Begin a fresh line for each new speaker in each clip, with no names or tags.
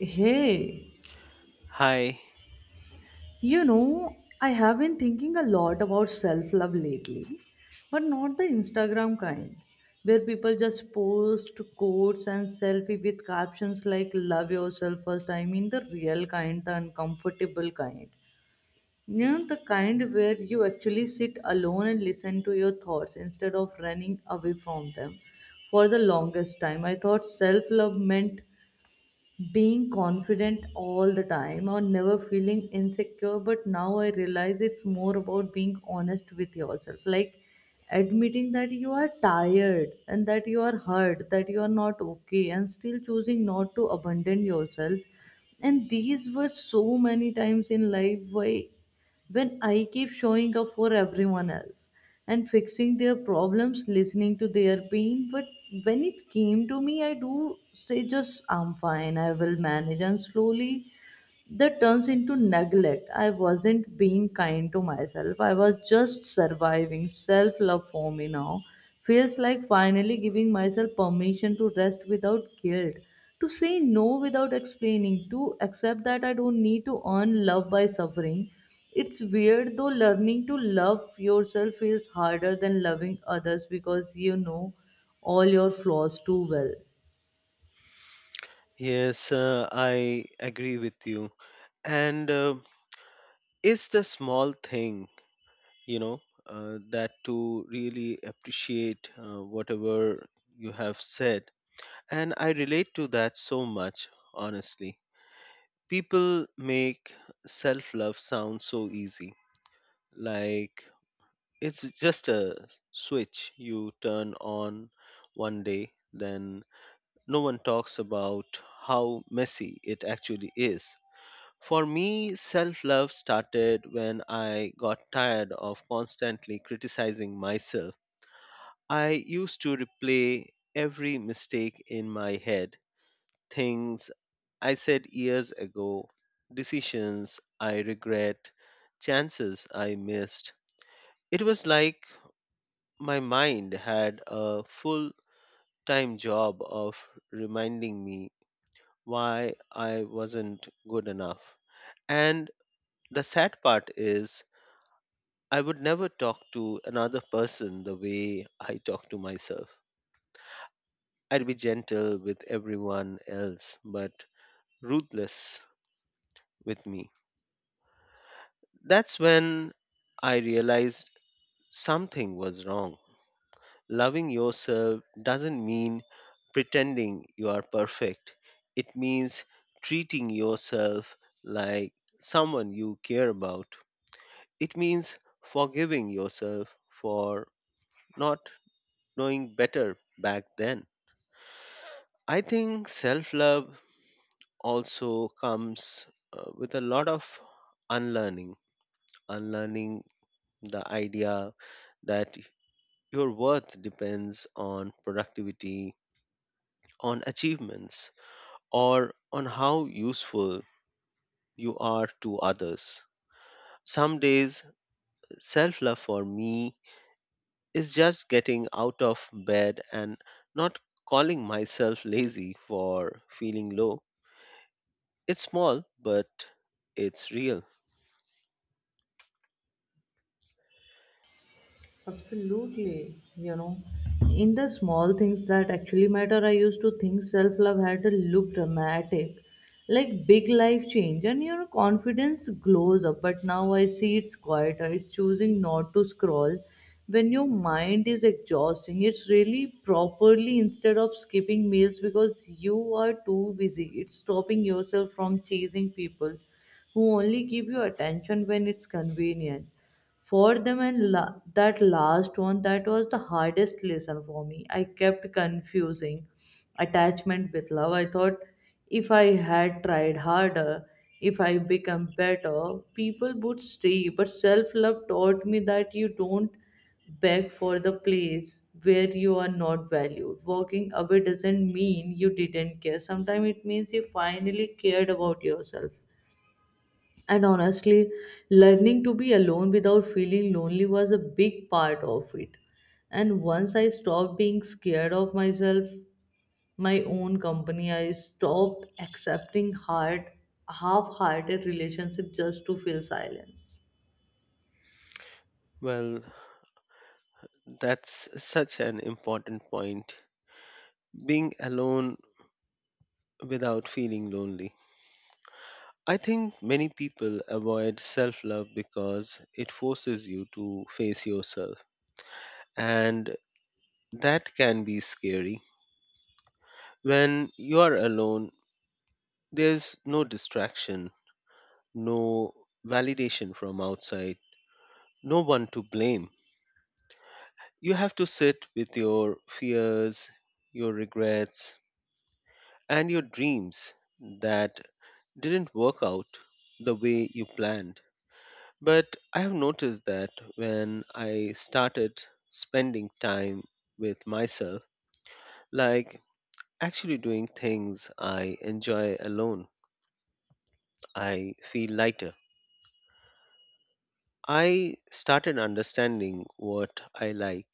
Hey,
Hi.
you know, I have been thinking a lot about self love lately, but not the Instagram kind, where people just post quotes and selfie with captions like love yourself first. I mean the real kind, the uncomfortable kind. You know, the kind where you actually sit alone and listen to your thoughts instead of running away from them for the longest time. I thought self love meant being confident all the time or never feeling insecure, but now I realize it's more about being honest with yourself, like admitting that you are tired and that you are hurt, that you are not okay and still choosing not to abandon yourself. And these were so many times in life, why when I keep showing up for everyone else and fixing their problems, listening to their pain. But when it came to me, I do say, just I'm fine, I will manage. And slowly, that turns into neglect. I wasn't being kind to myself. I was just surviving. Self love for me now feels like finally giving myself permission to rest without guilt, to say no without explaining, to accept that I don't need to earn love by suffering. It's weird though, learning to love yourself feels harder than loving others because you know all your flaws too well.
Yes, I agree with you. And It's the small thing, you know, that to really appreciate whatever you have said. And I relate to that so much, honestly. People make self love sound so easy. Like it's just a switch you turn on one day, then no one talks about how messy it actually is. For me, self love started when I got tired of constantly criticizing myself. I used to replay every mistake in my head, things I said years ago, decisions I regret, chances I missed. It was like my mind had a full time job of reminding me why I wasn't good enough. And the sad part is, I would never talk to another person the way I talk to myself. I'd be gentle with everyone else, but ruthless with me. That's when I realized something was wrong. Loving yourself doesn't mean pretending you are perfect, it means treating yourself like someone you care about. It means forgiving yourself for not knowing better back then. I think self love also comes with a lot of unlearning, unlearning the idea that your worth depends on productivity, on achievements, or on how useful you are to others. Some days, self love for me is just getting out of bed and not calling myself lazy for feeling low. It's small, but it's real.
Absolutely, you know, in the small things that actually matter, I used to think self love had to look dramatic, like big life change, and your confidence glows up. But now I see it's quieter, it's choosing not to scroll when your mind is exhausting. It's really properly instead of skipping meals because you are too busy, it's stopping yourself from chasing people who only give you attention when it's convenient for them. And that last one, that was the hardest lesson for me. I kept confusing attachment with love. I thought if I had tried harder, if I become better, people would stay, but self love taught me that you don't beg for the place where you are not valued. Walking away doesn't mean you didn't care, sometimes it means you finally cared about yourself. And honestly, learning to be alone without feeling lonely was a big part of it. And once I stopped being scared of myself, my own company, I stopped accepting hard, half-hearted relationship just to feel silence.
Well, that's such an important point. Being alone without feeling lonely. I think many people avoid self love because it forces you to face yourself, and that can be scary. When you are alone, there's no distraction, no validation from outside, no one to blame. You have to sit with your fears, your regrets, and your dreams that didn't work out the way you planned. But I have noticed that when I started spending time with myself, like actually doing things I enjoy alone, I feel lighter. I started understanding what I like,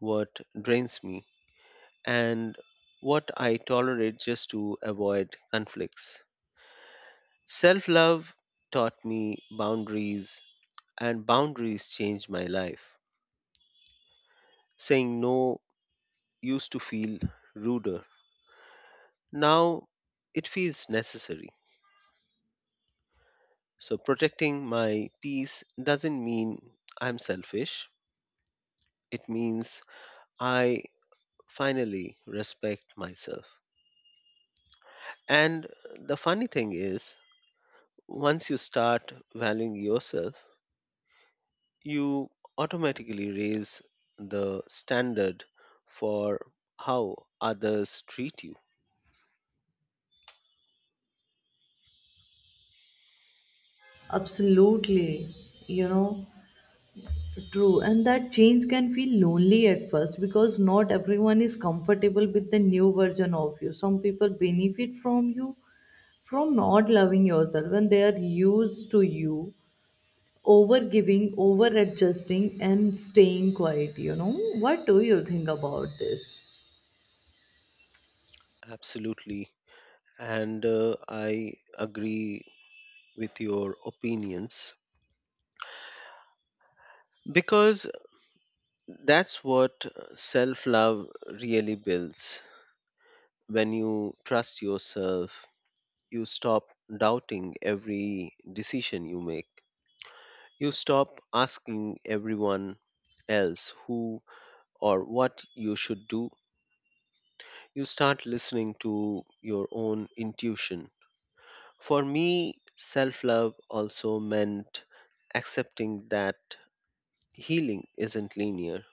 what drains me, and what I tolerate just to avoid conflicts. Self love taught me boundaries, and boundaries changed my life. Saying no used to feel ruder. Now it feels necessary. So protecting my peace doesn't mean I'm selfish. It means I finally respect myself. And the funny thing is, once you start valuing yourself, you automatically raise the standard for how others treat you.
Absolutely, you know, true. And that change can feel lonely at first because not everyone is comfortable with the new version of you. Some people benefit from you, from not loving yourself, when they are used to you over giving, over adjusting and staying quiet. You know, what do you think about this?
Absolutely. And I agree with your opinions because that's what self love really builds. When you trust yourself, you stop doubting every decision you make. You stop asking everyone else who or what you should do. You start listening to your own intuition. For me, self love also meant accepting that healing isn't linear.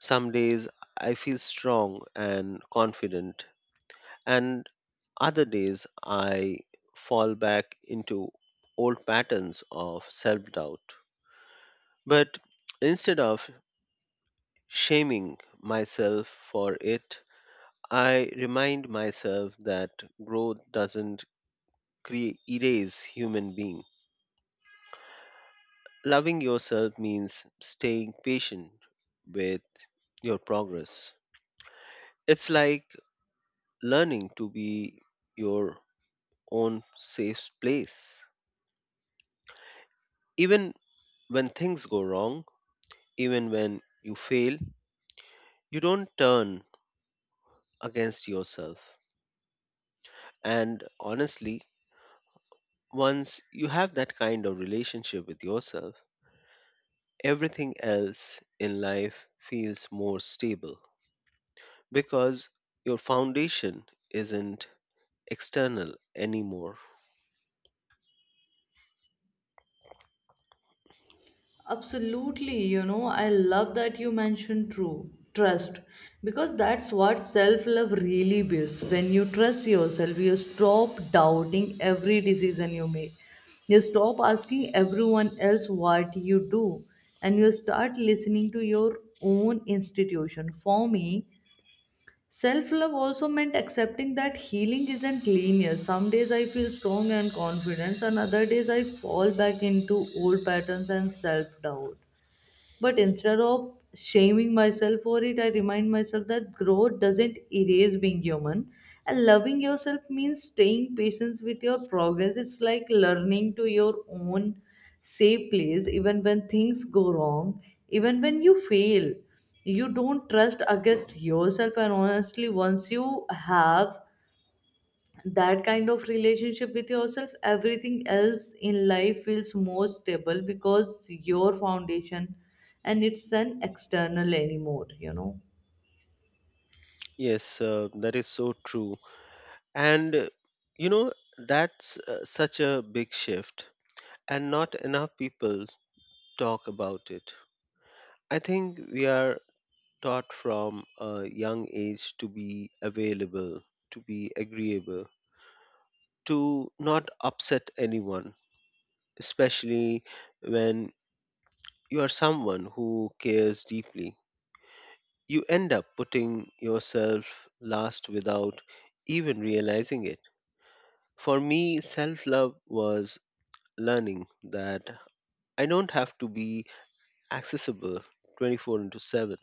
Some days I feel strong and confident, and other days I fall back into old patterns of self doubt. But instead of shaming myself for it, I remind myself that growth doesn't erase human being. Loving yourself means staying patient with your progress. It's like learning to be your own safe place. Even when things go wrong, even when you fail, you don't turn against yourself. And honestly, once you have that kind of relationship with yourself, everything else in life feels more stable because your foundation isn't external anymore.
Absolutely, you know, I love that you mentioned true trust, because that's what self love really builds. When you trust yourself, you stop doubting every decision you make. You stop asking everyone else what you do, and you start listening to your own institution. For me, self love also meant accepting that healing isn't linear. Some days I feel strong and confident, and other days I fall back into old patterns and self doubt. But instead of shaming myself for it, I remind myself that growth doesn't erase being human. And loving yourself means staying patient with your progress. It's like learning to your own safe place, even when things go wrong, even when you fail. You don't trust against yourself, and honestly, once you have that kind of relationship with yourself, everything else in life feels more stable because your foundation and it's an external anymore, you know.
Yes, that is so true. And uh, you know, that's such a big shift, and not enough people talk about it. I think we are taught from a young age to be available, to be agreeable, to not upset anyone, especially when you are someone who cares deeply. You end up putting yourself last without even realizing it. For me, self love was learning that I don't have to be accessible 24/7.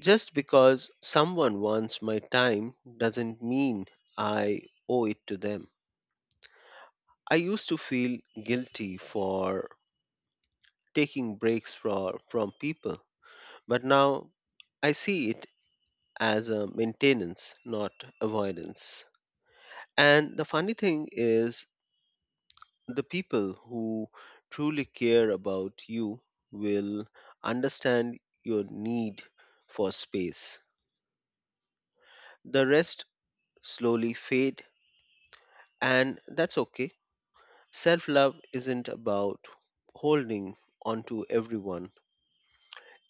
Just because someone wants my time doesn't mean I owe it to them. I used to feel guilty for taking breaks from people, but now I see it as a maintenance, not avoidance. And the funny thing is, the people who truly care about you will understand your need for space. The rest slowly fade, and that's okay. Self love isn't about holding on to everyone,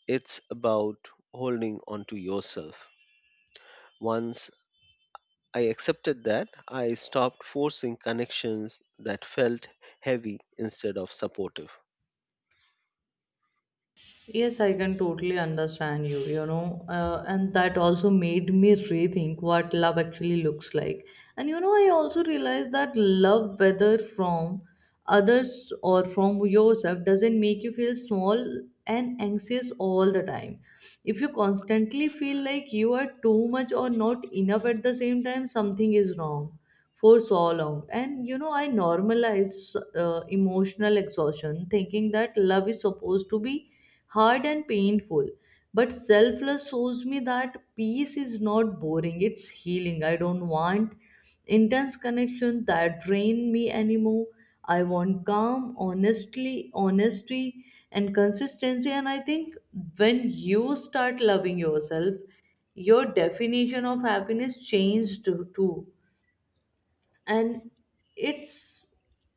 it's about holding on to yourself. Once I accepted that, I stopped forcing connections that felt heavy instead of supportive.
Yes, I can totally understand you, you know, and that also made me rethink what love actually looks like. And you know, I also realized that love, whether from others or from yourself, doesn't make you feel small and anxious all the time. If you constantly feel like you are too much or not enough at the same time, something is wrong for so long. And you know, I normalize emotional exhaustion, thinking that love is supposed to be hard and painful. But selfless shows me that peace is not boring, it's healing. I don't want intense connection that drain me anymore. I want calm, honestly, honesty and consistency. And I think when you start loving yourself, your definition of happiness changed too. And it's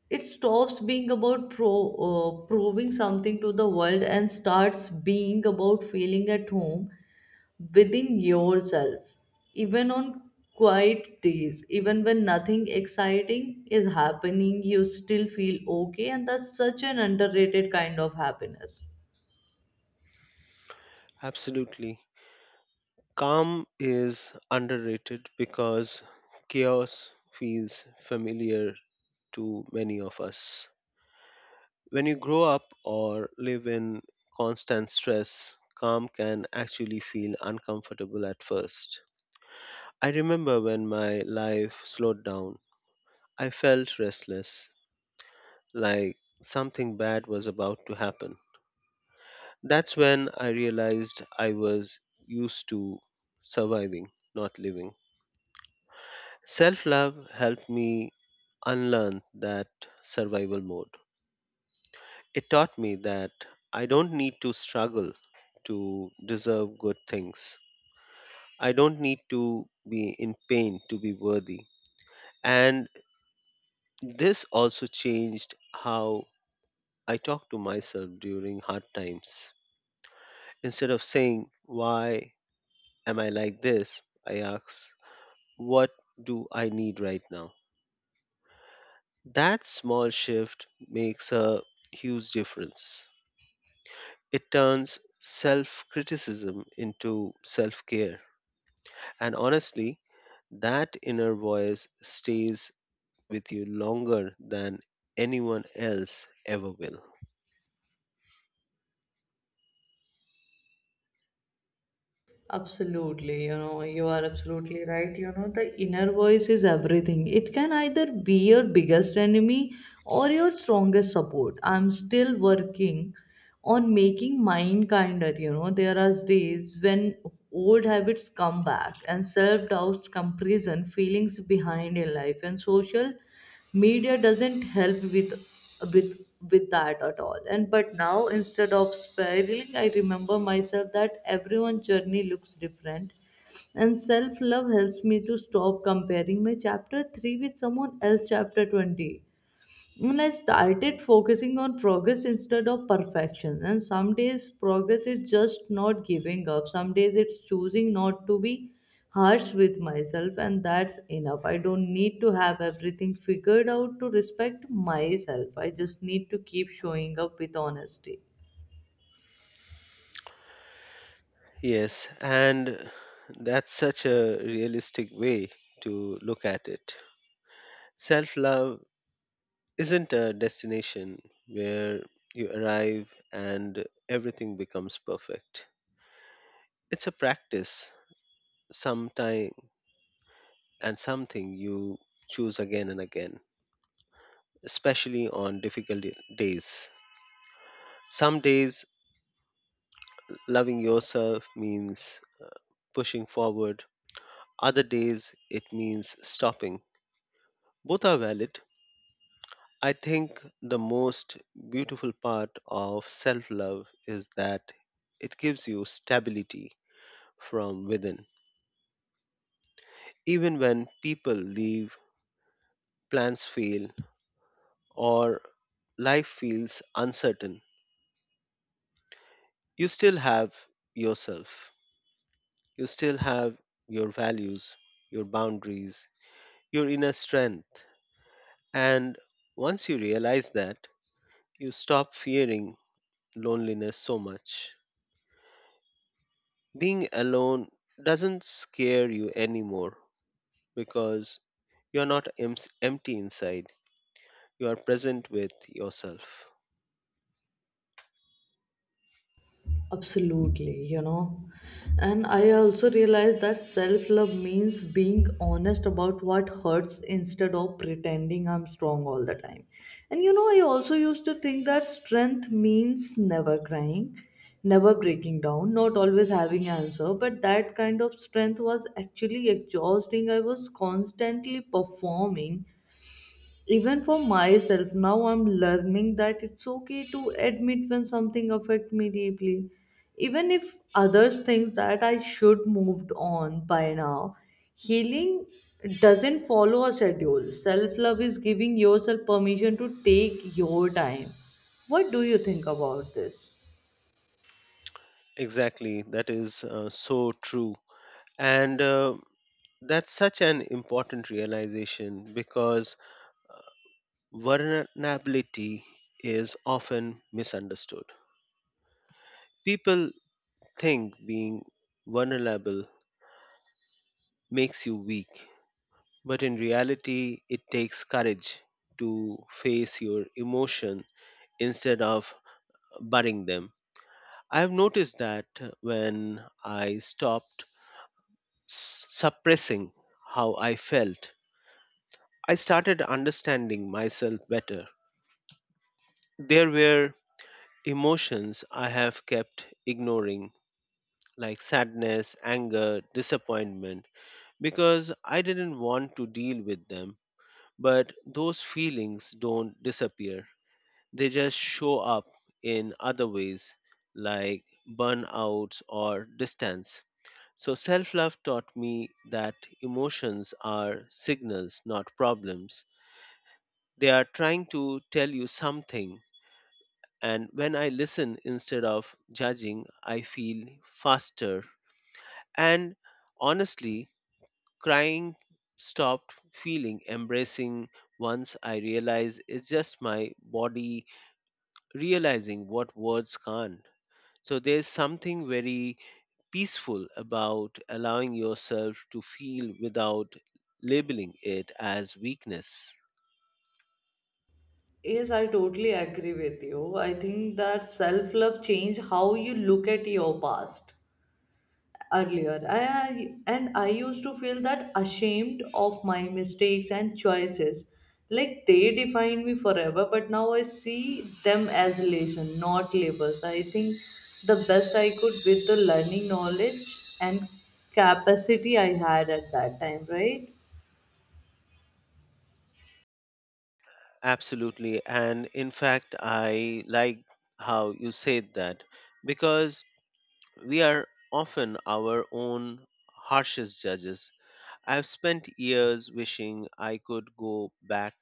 it stops being about proving something to the world and starts being about feeling at home within yourself, even on quiet days, even when nothing exciting is happening, you still feel okay, and that's such an underrated kind of happiness.
Absolutely. Calm is underrated because chaos feels familiar to many of us. When you grow up or live in constant stress, calm can actually feel uncomfortable at first. I remember when my life slowed down, I felt restless, like something bad was about to happen. That's when I realized I was used to surviving, not living. Self love helped me unlearn that survival mode. It taught me that I don't need to struggle to deserve good things. I don't need to be in pain to be worthy. And this also changed how I talk to myself during hard times. Instead of saying, "Why am I like this?" I ask, "What do I need right now?" That small shift makes a huge difference. It turns self criticism into self care. And honestly, that inner voice stays with you longer than anyone else ever will.
Absolutely, you know, you are absolutely right. You know, the inner voice is everything. It can either be your biggest enemy or your strongest support. I'm still working on making mine kinder. You know, there are days when old habits come back and self doubts come prison, feelings behind in life, and social media doesn't help with with that at all. And but now, instead of spiraling, I remember myself that everyone's journey looks different, and self love helps me to stop comparing my chapter 3 with someone else chapter 20. And I started focusing on progress instead of perfection. And some days progress is just not giving up. Some days it's choosing not to be harsh with myself, and that's enough. I don't need to have everything figured out to respect myself. I just need to keep showing up with honesty.
Yes, and that's such a realistic way to look at it. Self love isn't a destination where you arrive and everything becomes perfect. It's a practice, sometime and something you choose again and again, especially on difficult days. Some days loving yourself means pushing forward, other days it means stopping. Both are valid. I think the most beautiful part of self love is that it gives you stability from within. Even when people leave, plans fail, or life feels uncertain, you still have yourself. You still have your values, your boundaries, your inner strength. And once you realize that, you stop fearing loneliness so much. Being alone doesn't scare you anymore because you're not empty inside, you are present with yourself.
Absolutely, you know. And I also realized that self love means being honest about what hurts instead of pretending I'm strong all the time. And you know, I also used to think that strength means never crying, never breaking down, not always having answer, but that kind of strength was actually exhausting. I was constantly performing even for myself. Now I'm learning that it's okay to admit when something affect me deeply, even if others think that I should moved on by now. Healing doesn't follow a schedule. Self love is giving yourself permission to take your time. What do you think about this?
Exactly, that is so true. And that's such an important realization because vulnerability is often misunderstood. People think being vulnerable makes you weak. But in reality, it takes courage to face your emotion instead of burying them. I have noticed that when I stopped suppressing how I felt, I started understanding myself better. There were emotions I have kept ignoring, like sadness, anger, disappointment, because I didn't want to deal with them. But those feelings don't disappear. They just show up in other ways like burnouts or distance. So, self love taught me that emotions are signals, not problems. They are trying to tell you something. And when I listen instead of judging, I feel faster. And honestly, crying stopped feeling embracing once I realized it's just my body realizing what words can't. So there's something very peaceful about allowing yourself to feel without labeling it as weakness.
Yes, I totally agree with you. I think that self love change how you look at your past. Earlier, and I used to feel that ashamed of my mistakes and choices. Like they defined me forever, but now I see them as lesson, not labels. I think the best I could with the learning knowledge and capacity I had at that time, right?
Absolutely. And in fact, I like how you said that because we are often our own harshest judges. I've spent years wishing I could go back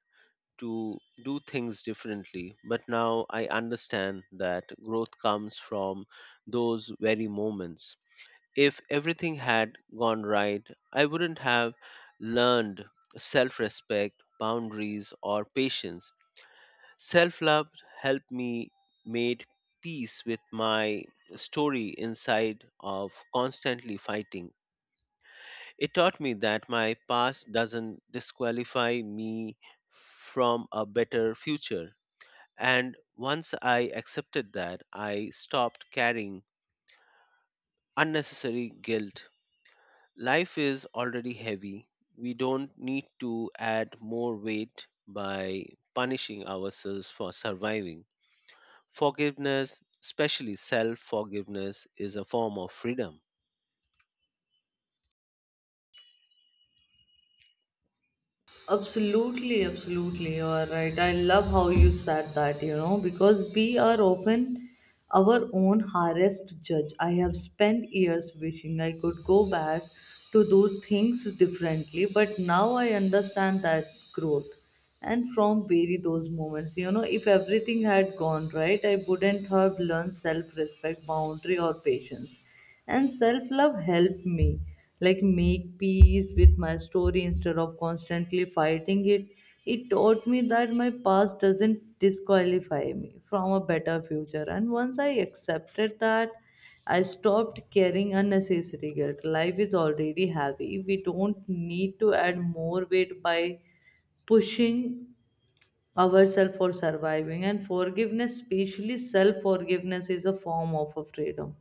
to do things differently, but now I understand that growth comes from those very moments. If everything had gone right, I wouldn't have learned self respect, boundaries, or patience. Self love helped me made peace with my story inside of constantly fighting. It taught me that my past doesn't disqualify me from a better future. And once I accepted that, I stopped carrying unnecessary guilt. Life is already heavy. We don't need to add more weight by punishing ourselves for surviving. Forgiveness, especially self forgiveness, is a form of freedom.
Absolutely, absolutely. You are right. I love how you said that, you know, because we are often our own hardest judge. I have spent years wishing I could go back to do things differently, but now I understand that growth and from bury those moments. You know, if everything had gone right, I wouldn't have learned self-respect, boundary or patience. And self-love helped me like make peace with my story instead of constantly fighting it. It taught me that my past doesn't disqualify me from a better future, and once I accepted that, I stopped carrying unnecessary guilt. Life is already heavy. We don't need to add more weight by pushing ourselves for surviving. And forgiveness, especially self forgiveness, is a form of a freedom.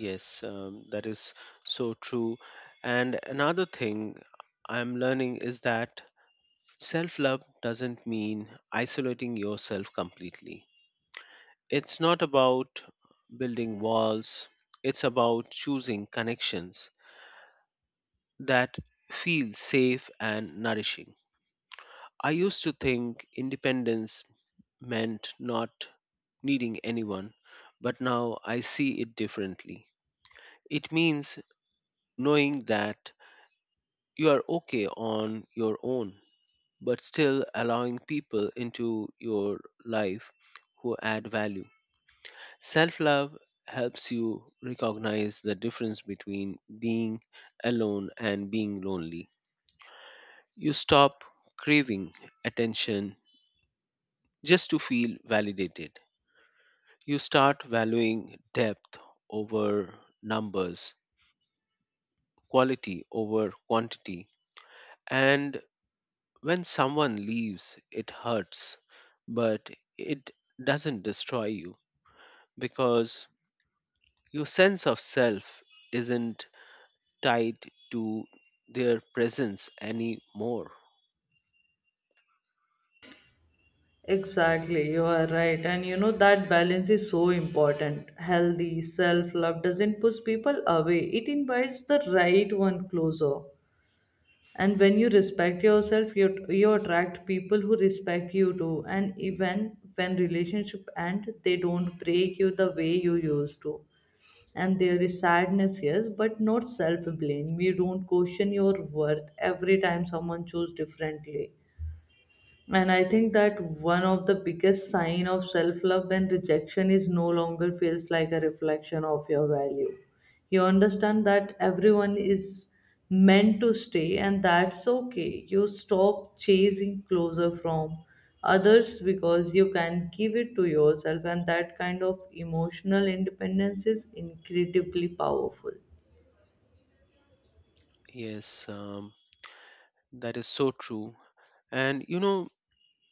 Yes, that is so true. And another thing I'm learning is that self love doesn't mean isolating yourself completely. It's not about building walls, it's about choosing connections that feel safe and nourishing. I used to think independence meant not needing anyone, but now I see it differently. It means knowing that you are okay on your own, but still allowing people into your life who add value. Self love helps you recognize the difference between being alone and being lonely. You stop craving attention just to feel validated. You start valuing depth over numbers, quality over quantity. And when someone leaves, it hurts, but it doesn't destroy you because your sense of self isn't tied to their presence anymore.
Exactly, you are right. And you know, that balance is so important. Healthy self love doesn't push people away, it invites the right one closer. And when you respect yourself, you attract people who respect you too. And even when relationship end, they don't break you the way you used to. And there is sadness, yes, but not self blame. You don't question your worth every time someone chooses differently. And I think that one of the biggest sign of self love when rejection is no longer feels like a reflection of your value. You understand that everyone is meant to stay, and that's okay. You stop chasing closer from others because you can give it to yourself, and that kind of emotional independence is incredibly powerful.
Yes, that is so true. And you know,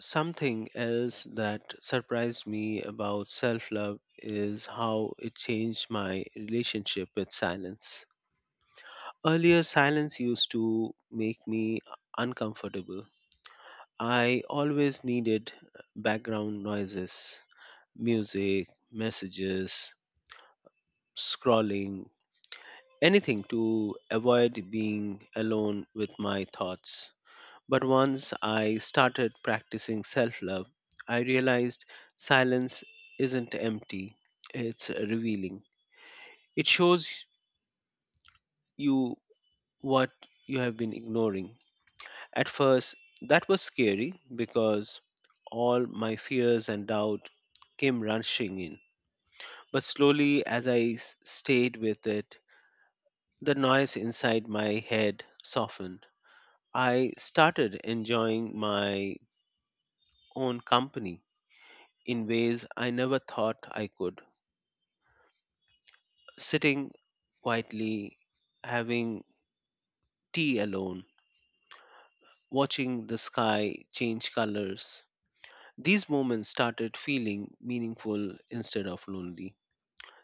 something else that surprised me about self love is how it changed my relationship with silence. Earlier, silence used to make me uncomfortable. I always needed background noises, music, messages, scrolling, anything to avoid being alone with my thoughts. But once I started practicing self love, I realized silence isn't empty, it's revealing. It shows you what you have been ignoring. At first, that was scary because all my fears and doubt came rushing in. But slowly, as I stayed with it, the noise inside my head softened. I started enjoying my own company in ways I never thought I could. Sitting quietly, having tea alone, watching the sky change colors. These moments started feeling meaningful instead of lonely.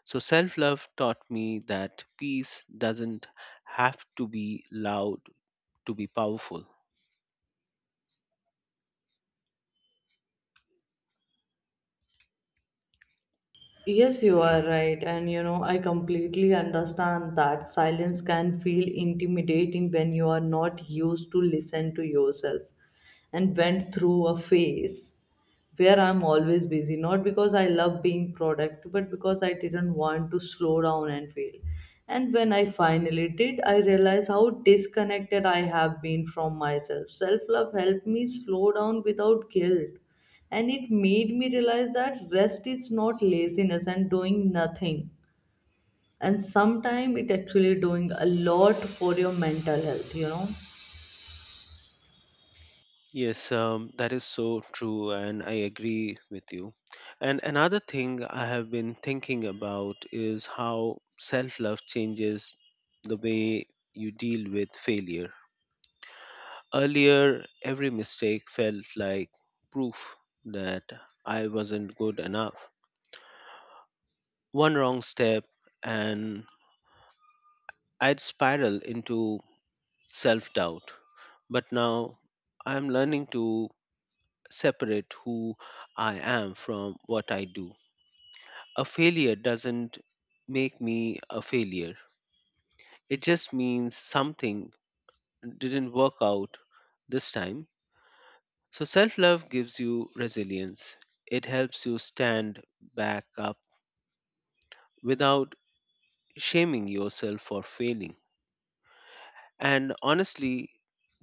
So, self love taught me that peace doesn't have to be loud to be powerful.
Yes, you are right. And you know, I completely understand that silence can feel intimidating when you are not used to listen to yourself. And went through a phase where I'm always busy, not because I love being productive, but because I didn't want to slow down and feel. And when I finally did, I realized how disconnected I have been from myself. Self love helped me slow down without guilt, and it made me realize that rest is not laziness and doing nothing, and sometimes it actually doing a lot for your mental health, you know.
Yes, that is so true, and I agree with you. And another thing I have been thinking about is how self love changes the way you deal with failure. Earlier, every mistake felt like proof that I wasn't good enough. One wrong step, and I'd spiral into self doubt. But now I'm learning to separate who I am from what I do. A failure doesn't make me a failure. It just means something didn't work out this time. So self love gives you resilience. It helps you stand back up without shaming yourself for failing. And honestly,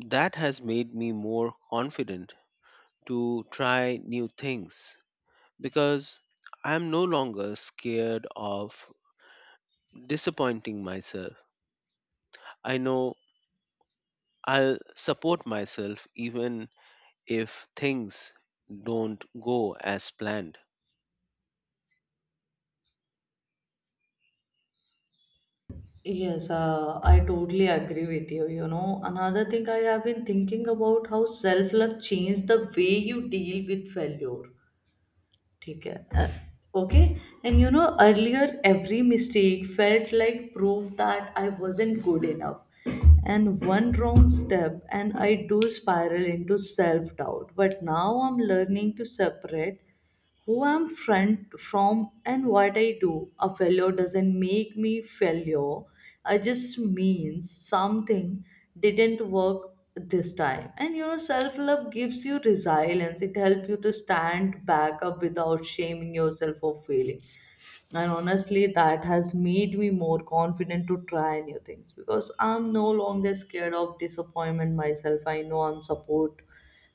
that has made me more confident to try new things because I'm no longer scared of disappointing myself. I know I'll support myself even if things don't go as planned.
Yes, I totally agree with you. You know, another thing I have been thinking about how self love changed the way you deal with failure. ठीक है, okay. And you know, earlier every mistake felt like proof that I wasn't good enough, and one wrong step and I do spiral into self doubt. But now I'm learning to separate who I'm friend from and what I do. A failure doesn't make me failure. I just means something didn't work this time. And you know, self love gives you resilience. It helps you to stand back up without shaming yourself for failing. And honestly, that has made me more confident to try new things because I'm no longer scared of disappointment myself. I know I'm support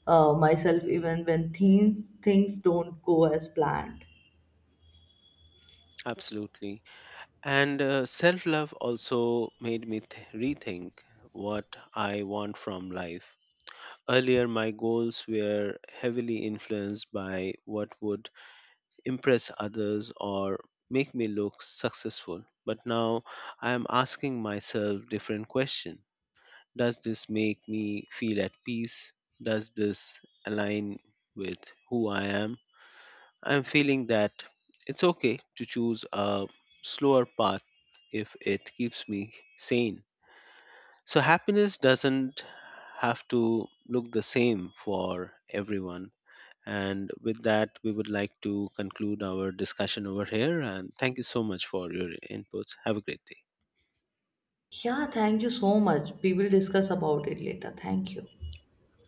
myself even when things don't go as planned.
Absolutely. And self love also made me rethink what I want from life. Earlier, my goals were heavily influenced by what would impress others or make me look successful. But now I am asking myself different questions. Does this make me feel at peace? Does this align with who I am? I'm feeling that it's okay to choose a slower path if it keeps me sane. So, happiness doesn't have to look the same for everyone. And with that, we would like to conclude our discussion over here. And thank you so much for your inputs. Have a great day.
Yeah, thank you so much. We will discuss about it later. Thank you.